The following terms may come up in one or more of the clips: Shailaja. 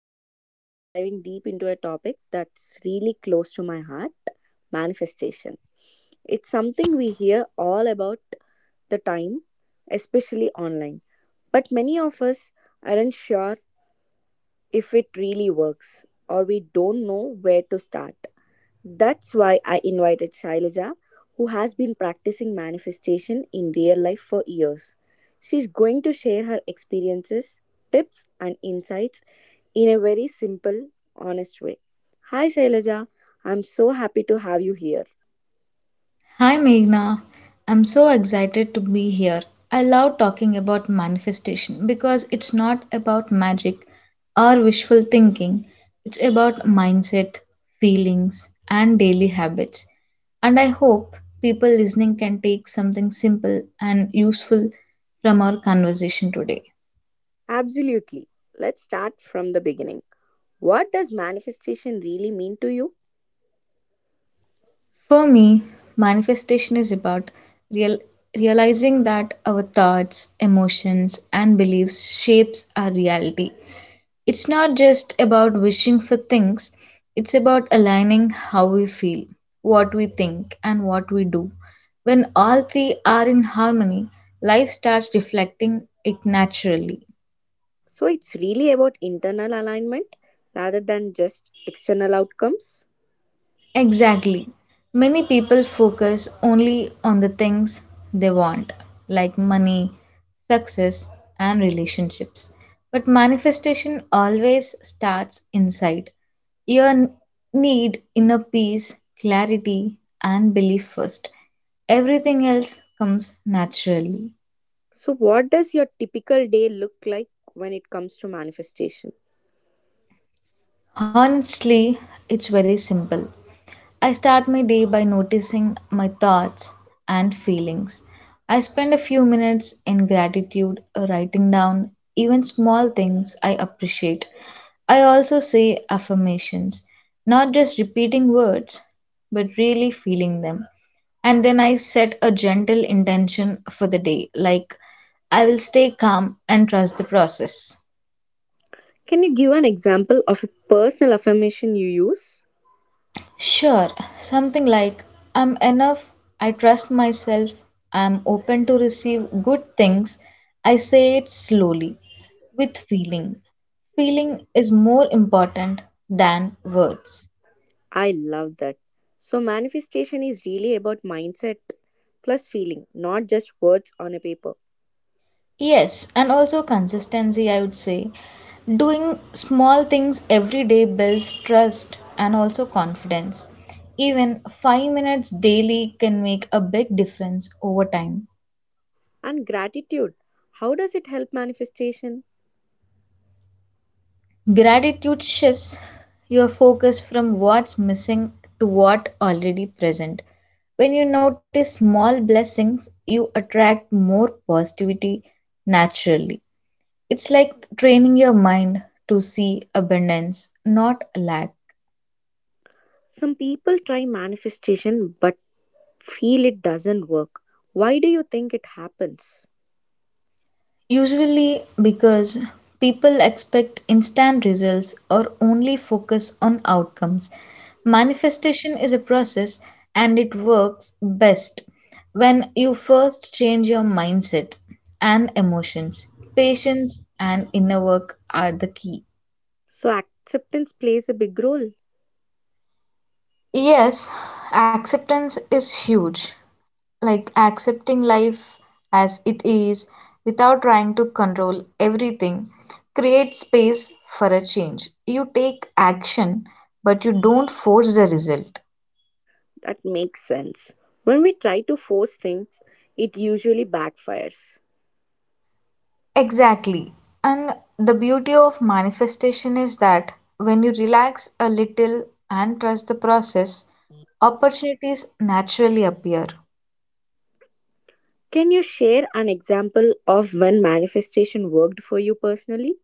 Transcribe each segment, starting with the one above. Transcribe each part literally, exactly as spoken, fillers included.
and today we are diving deep into a topic that's really close to my heart manifestation. It's something we hear all about the time, especially online, but many of us aren't sure if it really works or we don't know where to start. That's why I invited Shailaja, who has been practicing manifestation in real life for years. She's going to share her experiences, tips, and insights in a very simple, honest way. Hi, Shailaja. I'm so happy to have you here. Hi Meghna, I'm so excited to be here. I love talking about manifestation because it's not about magic or wishful thinking, it's about mindset, feelings, and daily habits. And I hope people listening can take something simple and useful from our conversation today. Absolutely. Let's start from the beginning. What does manifestation really mean to you? For me, manifestation is about realizing that our thoughts, emotions, and beliefs shapes our reality. It's not just about wishing for things, it's about aligning how we feel, what we think, and what we do. When all three are in harmony, life starts reflecting it naturally. So, it's really about internal alignment rather than just external outcomes. Exactly. Many people focus only on the things they want, like money, success, and relationships. But manifestation always starts inside. You n- need inner peace, clarity, and belief first. Everything else comes naturally. So, what does your typical day look like when it comes to manifestation? Honestly, it's very simple. I start my day by noticing my thoughts and feelings. I spend a few minutes in gratitude, uh, writing down even small things I appreciate. I also say affirmations, not just repeating words, but really feeling them. And then I set a gentle intention for the day, like I will stay calm and trust the process. Can you give an example of a personal affirmation you use? Sure, something like I'm enough, I trust myself, I'm open to receive good things. I say it slowly with feeling. Feeling is more important than words. I love that. So, manifestation is really about mindset plus feeling, not just words on a paper. Yes, and also consistency, I would say. Doing small things every day builds trust and also confidence. Even five minutes daily can make a big difference over time. And gratitude. How does it help manifestation? Gratitude shifts your focus from what's missing to what already present. When you notice small blessings, you attract more positivity naturally. It's like training your mind to see abundance, not lack. Some people try manifestation but feel it doesn't work. Why do you think it happens? Usually because people expect instant results or only focus on outcomes. Manifestation is a process and it works best when you first change your mindset and emotions. Patience and inner work are the key. So, acceptance plays a big role. Yes, acceptance is huge. Like accepting life as it is without trying to control everything create space for a change. You take action but you don't force the result. That makes sense. When we try to force things, it usually backfires. Exactly, and the beauty of manifestation is that when you relax a little and trust the process, opportunities naturally appear. Can you share an example of when manifestation worked for you personally?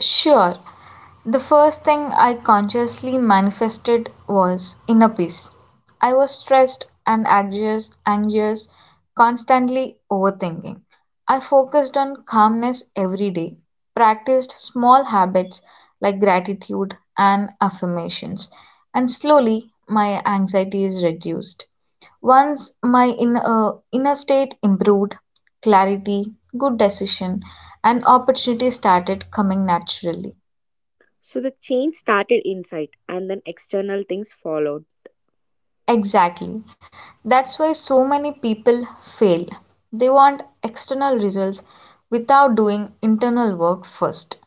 Sure. The first thing I consciously manifested was inner peace. I was stressed and anxious, anxious, constantly overthinking. I focused on calmness every day, practiced small habits like gratitude and affirmations, and slowly my anxiety is reduced. Once my in, uh, inner state improved, clarity, good decision, and opportunity started coming naturally. So the change started inside and then external things followed. Exactly. That's why so many people fail. They want external results without doing internal work first.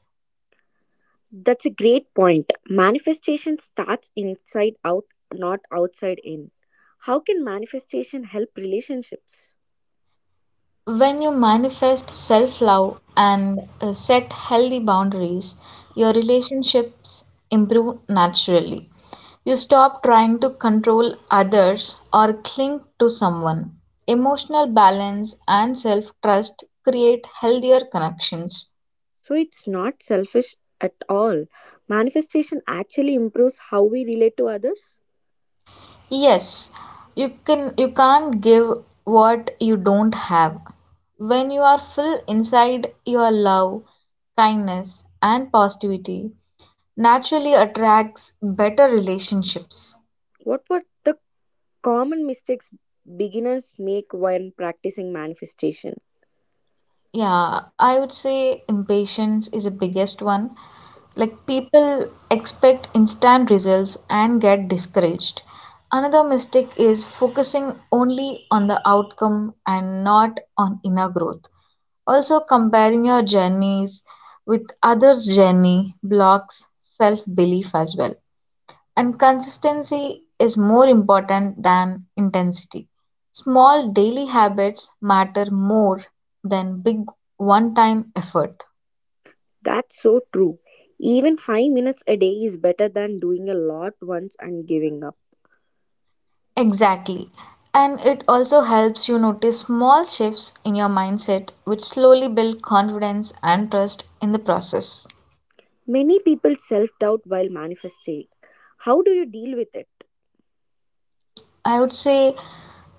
That's a great point. Manifestation starts inside out, not outside in. How can manifestation help relationships? When you manifest self love and uh, set healthy boundaries, your relationships improve naturally. You stop trying to control others or cling to someone. Emotional balance and self trust create healthier connections. So it's not selfish at all. Manifestation actually improves how we relate to others. Yes, you can you can't give what you don't have. When you are full inside, your love, kindness and positivity naturally attracts better relationships. What were the common mistakes beginners make when practicing manifestation? Yeah, I would say impatience is the biggest one. Like people expect instant results and get discouraged. Another mistake is focusing only on the outcome and not on inner growth. Also, comparing your journeys with others' journey blocks self belief as well, and consistency is more important than intensity. Small daily habits matter more than big one time effort. That's so true. Even five minutes a day is better than doing a lot once and giving up. Exactly. And it also helps you notice small shifts in your mindset, which slowly build confidence and trust in the process. Many people self doubt while manifesting. How do you deal with it? I would say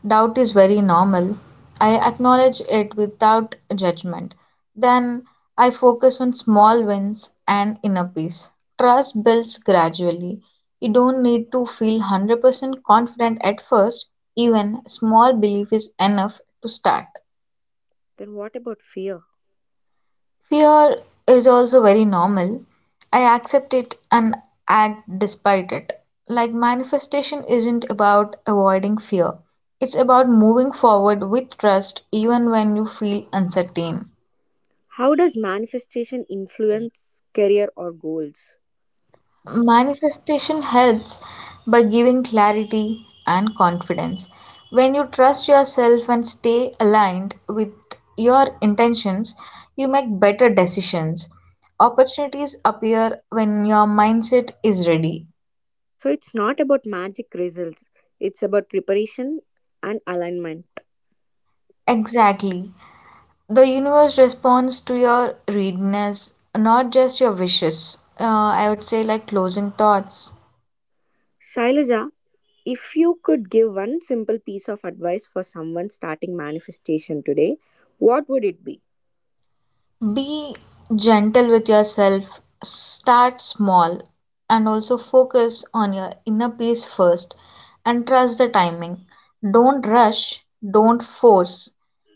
doubt is very normal. I acknowledge it without judgment. Then I focus on small wins and inner peace. Trust builds gradually. You don't need to feel one hundred percent confident at first, even small belief is enough to start. Then, what about fear? Fear is also very normal. I accept it and act despite it. Like manifestation isn't about avoiding fear. It's about moving forward with trust even when you feel uncertain. How does manifestation influence career or goals? Manifestation helps by giving clarity and confidence. When you trust yourself and stay aligned with your intentions, you make better decisions. Opportunities appear when your mindset is ready. So, it's not about magic results, it's about preparation and alignment. Exactly. The universe responds to your readiness, not just your wishes. Uh, I would say, like closing thoughts. Shailaja, if you could give one simple piece of advice for someone starting manifestation today, what would it be? Be gentle with yourself, start small, and also focus on your inner peace first and trust the timing. Don't rush, don't force.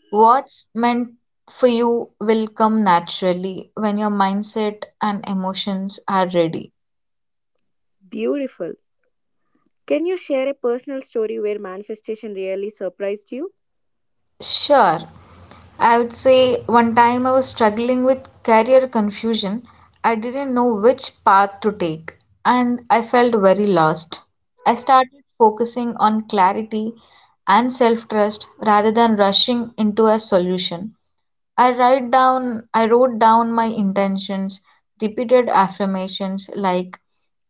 What's meant for you will come naturally when your mindset and emotions are ready. Beautiful. Can you share a personal story where manifestation really surprised you? Sure, I would say one time I was struggling with career confusion. I didn't know which path to take and I felt very lost. I started focusing on clarity and self trust rather than rushing into a solution. I write down, I wrote down my intentions, repeated affirmations like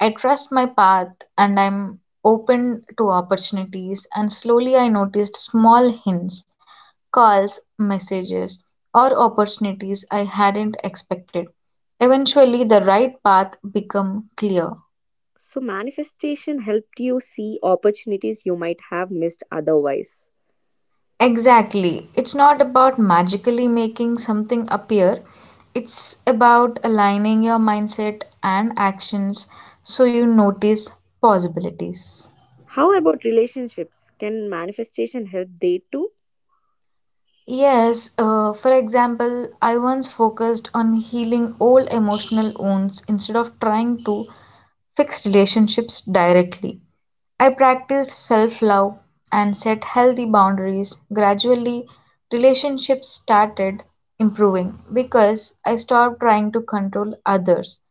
I trust my path and I'm open to opportunities. And slowly I noticed small hints, calls, messages, or opportunities I hadn't expected. Eventually, the right path became clear. So, manifestation helped you see opportunities you might have missed otherwise. Exactly. It's not about magically making something appear, it's about aligning your mindset and actions so you notice possibilities. How about relationships? Can manifestation help they too? Yes, uh, for example, I once focused on healing old emotional wounds instead of trying to fix relationships directly. I practiced self love and set healthy boundaries. Gradually, relationships started improving because I stopped trying to control others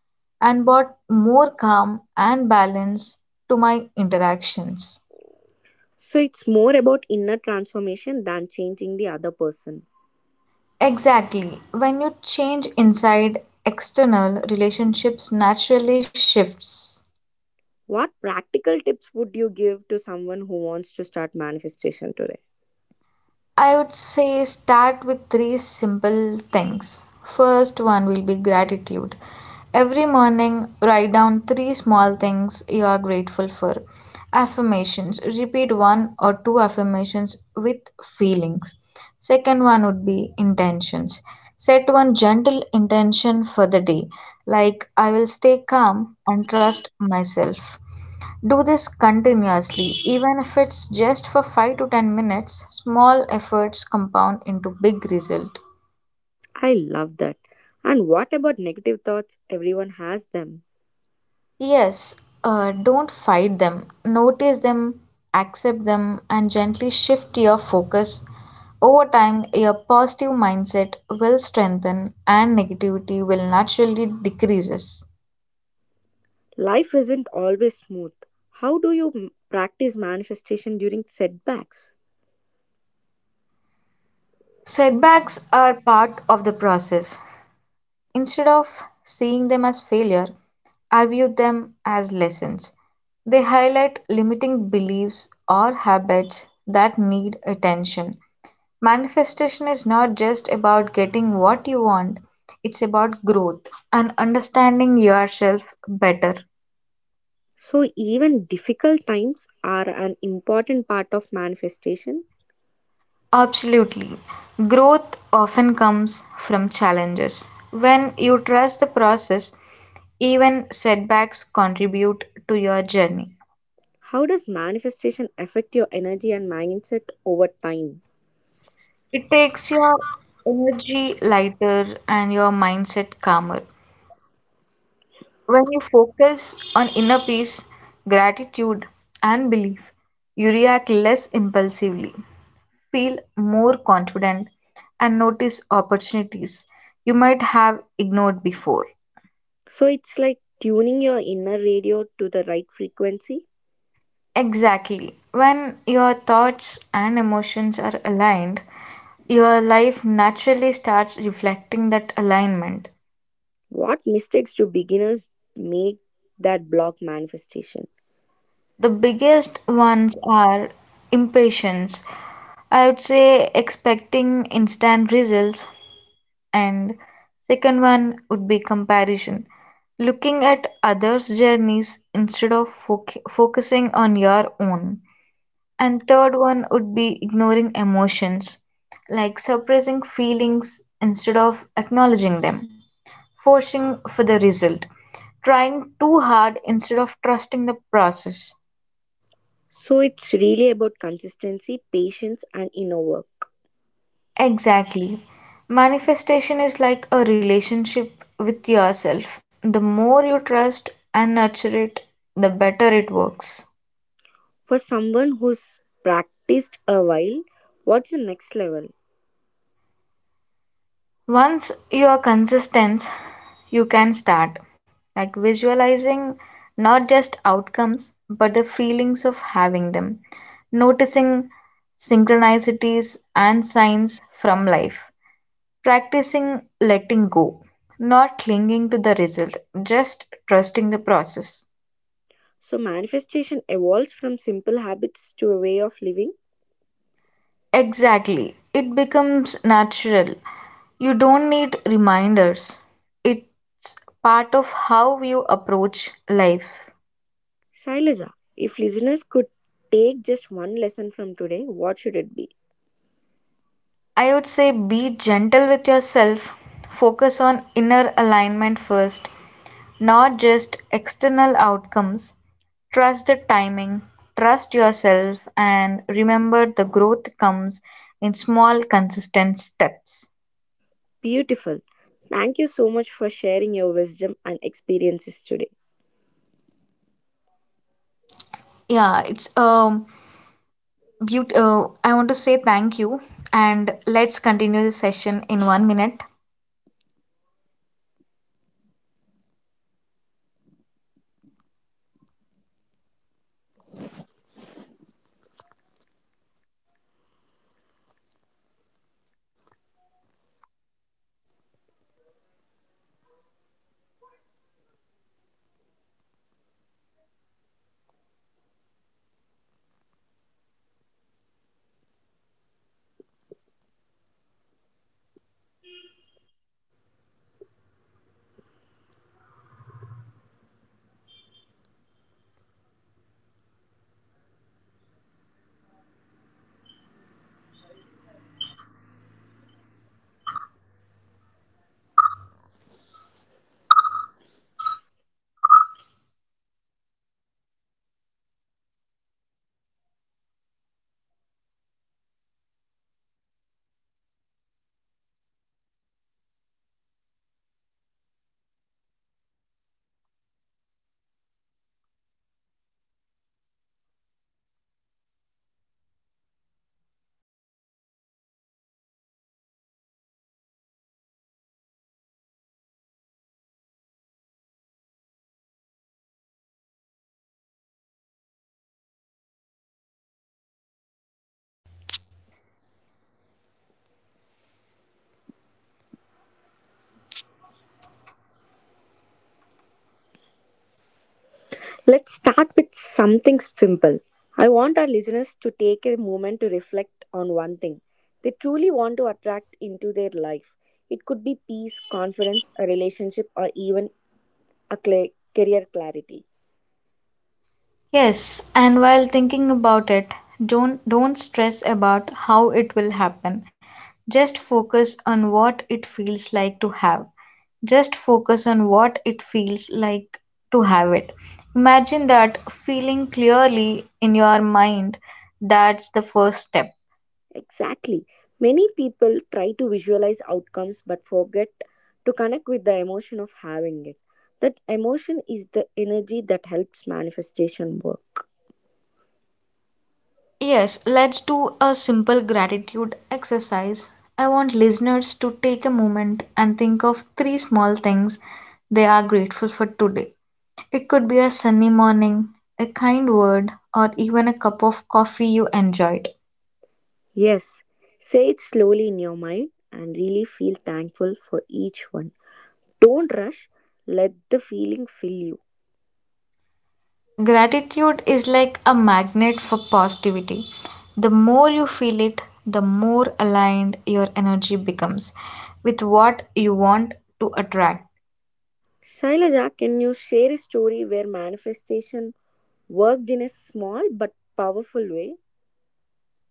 and brought more calm and balance to my interactions. So it's more about inner transformation than changing the other person. Exactly. When you change inside, external relationships naturally shifts. What practical tips would you give to someone who wants to start manifestation today? I would say start with three simple things. First one will be gratitude. Every morning, write down three small things you are grateful for. Affirmations. Repeat one or two affirmations with feelings. Second one would be intentions. Set one gentle intention for the day, like I will stay calm and trust myself. Do this continuously, even if it's just for five to ten minutes. Small efforts compound into big result. I love that. And what about negative thoughts? Everyone has them. Yes, uh, don't fight them. Notice them, accept them, and gently shift your focus. Over time, your positive mindset will strengthen and negativity will naturally decreases. Life isn't always smooth. How do you m- practice manifestation during setbacks? Setbacks are part of the process. Instead of seeing them as failure, I view as lessons. They highlight limiting beliefs or habits that need attention. Manifestation is not just about getting what you want, it's about growth and understanding yourself better. So, even difficult times are an important part of manifestation. Absolutely. Growth often comes from challenges. When you trust the process, even setbacks contribute to your journey. How does manifestation affect your energy and mindset over time? It takes your energy lighter and your mindset calmer. When you focus on inner peace, gratitude, and belief, you react less impulsively, feel more confident, and notice opportunities you might have ignored before. So, it's like tuning your inner radio to the right frequency. Exactly. When your thoughts and emotions are aligned, your life naturally starts reflecting that alignment. What mistakes do beginners make that block manifestation? The biggest ones are impatience. I would say expecting instant results, and second one would be comparison. Looking at others' journeys instead of foc focusing on your own. And third one would be ignoring emotions, like suppressing feelings instead of acknowledging them, forcing for the result, trying too hard instead of trusting the process. So, it's really about consistency, patience, and inner work. Exactly. Manifestation is like a relationship with yourself. The more you trust and nurture it, the better it works. For someone who's practiced a while, what's the next level? Once you are consistent, you can start like visualizing not just outcomes but the feelings of having them, noticing synchronicities and signs from life, practicing letting go, not clinging to the result, just trusting the process. So, manifestation evolves from simple habits to a way of living. Exactly. It becomes natural. You don't need reminders. It's part of how you approach life. Shailaja, if listeners could take just one lesson from today, what should it be? I would say be gentle with yourself. Focus on inner alignment first, not just external outcomes. Trust the timing, trust yourself, and remember the growth comes in small, consistent steps. Beautiful. Thank you so much for sharing your wisdom and experiences today. Yeah, it's a Beaut- uh, I want to say thank you and let's continue this session in one minute. Let's start with something simple. I want our listeners to take a moment to reflect on one thing they truly want to attract into their life. It could be peace, confidence, a relationship, or even a cla career clarity. Yes, and while thinking about it, don't don't stress about how it will happen. Just focus on what it feels like to have. Just focus on what it feels like to have it. Imagine that feeling clearly in your mind. That's the first step. Exactly. Many people try to visualize outcomes but forget to connect with the emotion of having it. That emotion is the energy that helps manifestation work. Yes, let's do a simple gratitude exercise. I want listeners to take a moment and think of three small things they are grateful for today. It could be a sunny morning, a kind word, or even a cup of coffee you enjoyed. Yes, say it slowly in your mind and really feel thankful for each one. Don't rush, let the feeling fill you. Gratitude is like a magnet for positivity. The more you feel it, the more aligned your energy becomes with what you want to attract. Shailaja, can you share a story where manifestation worked in a small but powerful way?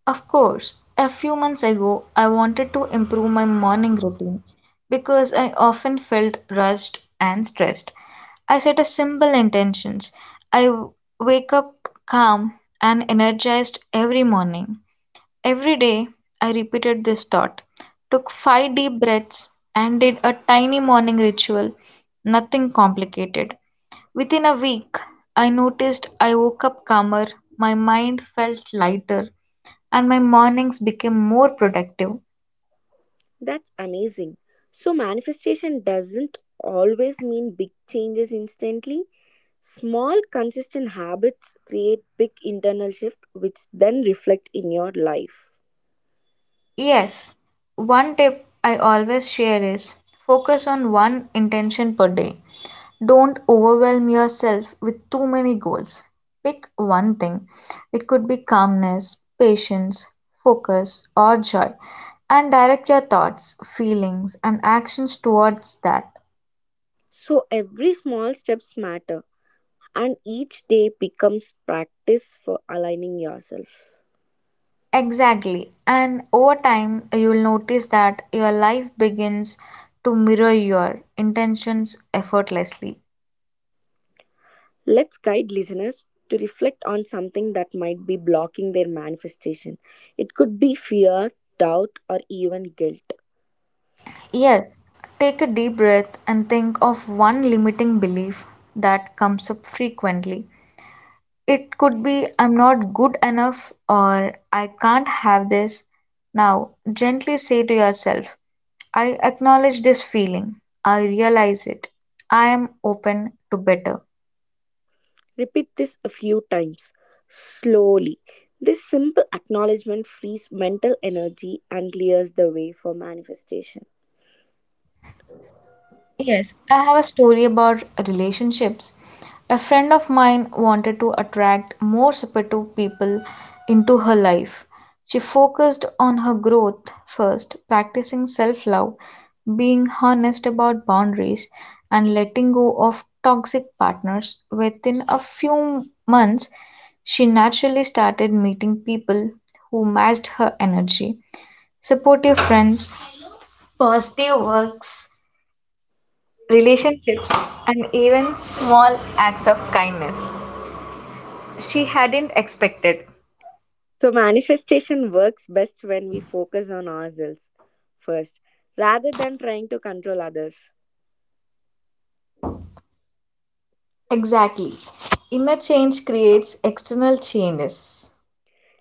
Of course, a few months ago, I wanted to improve my morning routine because I often felt rushed and stressed. I set a simple intentions. I w- wake up calm and energized every morning. Every day I repeated this thought, took five deep breaths, and did a tiny morning ritual, nothing complicated. Within a week, I noticed I woke up calmer, my mind felt lighter, and my mornings became more productive. That's amazing. So, manifestation doesn't always mean big changes instantly. Small, consistent habits create big internal shift, which then reflect in your life. Yes, one tip I always share is focus on one intention per day. Don't overwhelm yourself with too many goals. Pick one thing. It could be calmness, patience, focus, or joy, and direct your thoughts, feelings, and actions towards that. So, every small steps matter, and each day becomes practice for aligning yourself. Exactly. And over time, you'll notice that your life begins to mirror your intentions effortlessly. Let's guide listeners to reflect on something that might be blocking their manifestation. It could be fear, doubt, or even guilt. Yes, take a deep breath and think of one limiting belief that comes up frequently. It could be I'm not good enough or I can't have this. Now, gently say to yourself, I acknowledge this feeling. I realize it. I am open to better. Repeat this a few times slowly. This simple acknowledgement frees mental energy and clears the way for manifestation. Yes, I have a story about relationships. A friend of mine wanted to attract more supportive people into her life. She focused on her growth first, practicing self love, being honest about boundaries, and letting go of toxic partners. Within a few months, she naturally started meeting people who matched her energy, supportive friends, positive works relationships, and even small acts of kindness she hadn't expected. So, manifestation works best when we focus on ourselves first rather than trying to control others. Exactly. Inner change creates external changes.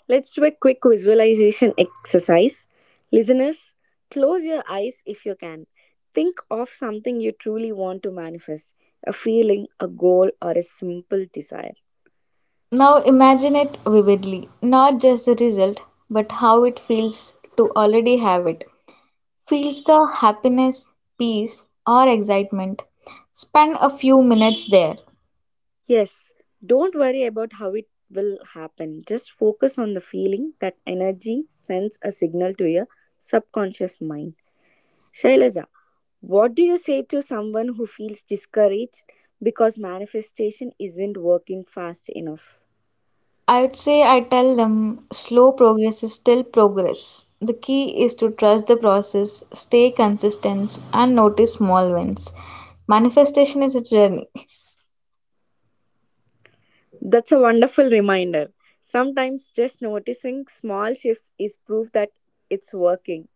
Let's do a quick visualization exercise. Listeners, close your eyes if you can. Think of something you truly want to manifest a feeling, a goal, or a simple desire. Now imagine it vividly, not just the result, but how it feels to already have it. Feels the happiness, peace, or excitement. Spend a few minutes there. Yes, don't worry about how it will happen. Just focus on the feeling that energy sends a signal to your subconscious mind. Shailaja, what do you say to someone who feels discouraged because manifestation isn't working fast enough? I'd say I tell them slow progress is still progress. The key is to trust the process, stay consistent, and notice small wins. Manifestation is a journey. That's a wonderful reminder. Sometimes just noticing small shifts is proof that it's working.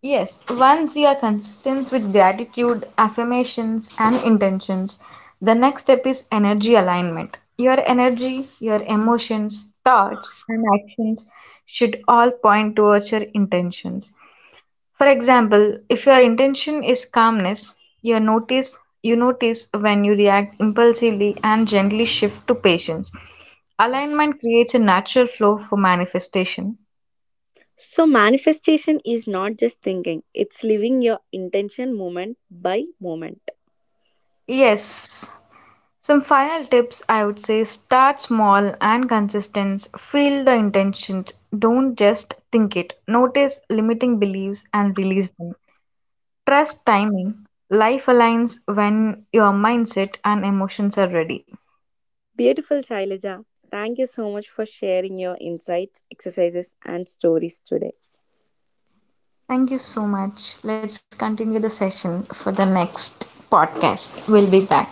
Yes, once you are consistent with gratitude, affirmations, and intentions, the next step is energy alignment. Your energy, your emotions, thoughts, and actions should all point towards your intentions. For example, if your intention is calmness, you notice you notice when you react impulsively and gently shift to patience. Alignment creates a natural flow for manifestation. So, manifestation is not just thinking, it's living your intention moment by moment. Yes. Some final tips I would say start small and consistent. Feel the intentions. Don't just think it. Notice limiting beliefs and release them. Trust timing. Life aligns when your mindset and emotions are ready. Beautiful, Shailaja. Thank you so much for sharing your insights, exercises, and stories today. Thank you so much. Let's continue the session for the next podcast. We'll be back.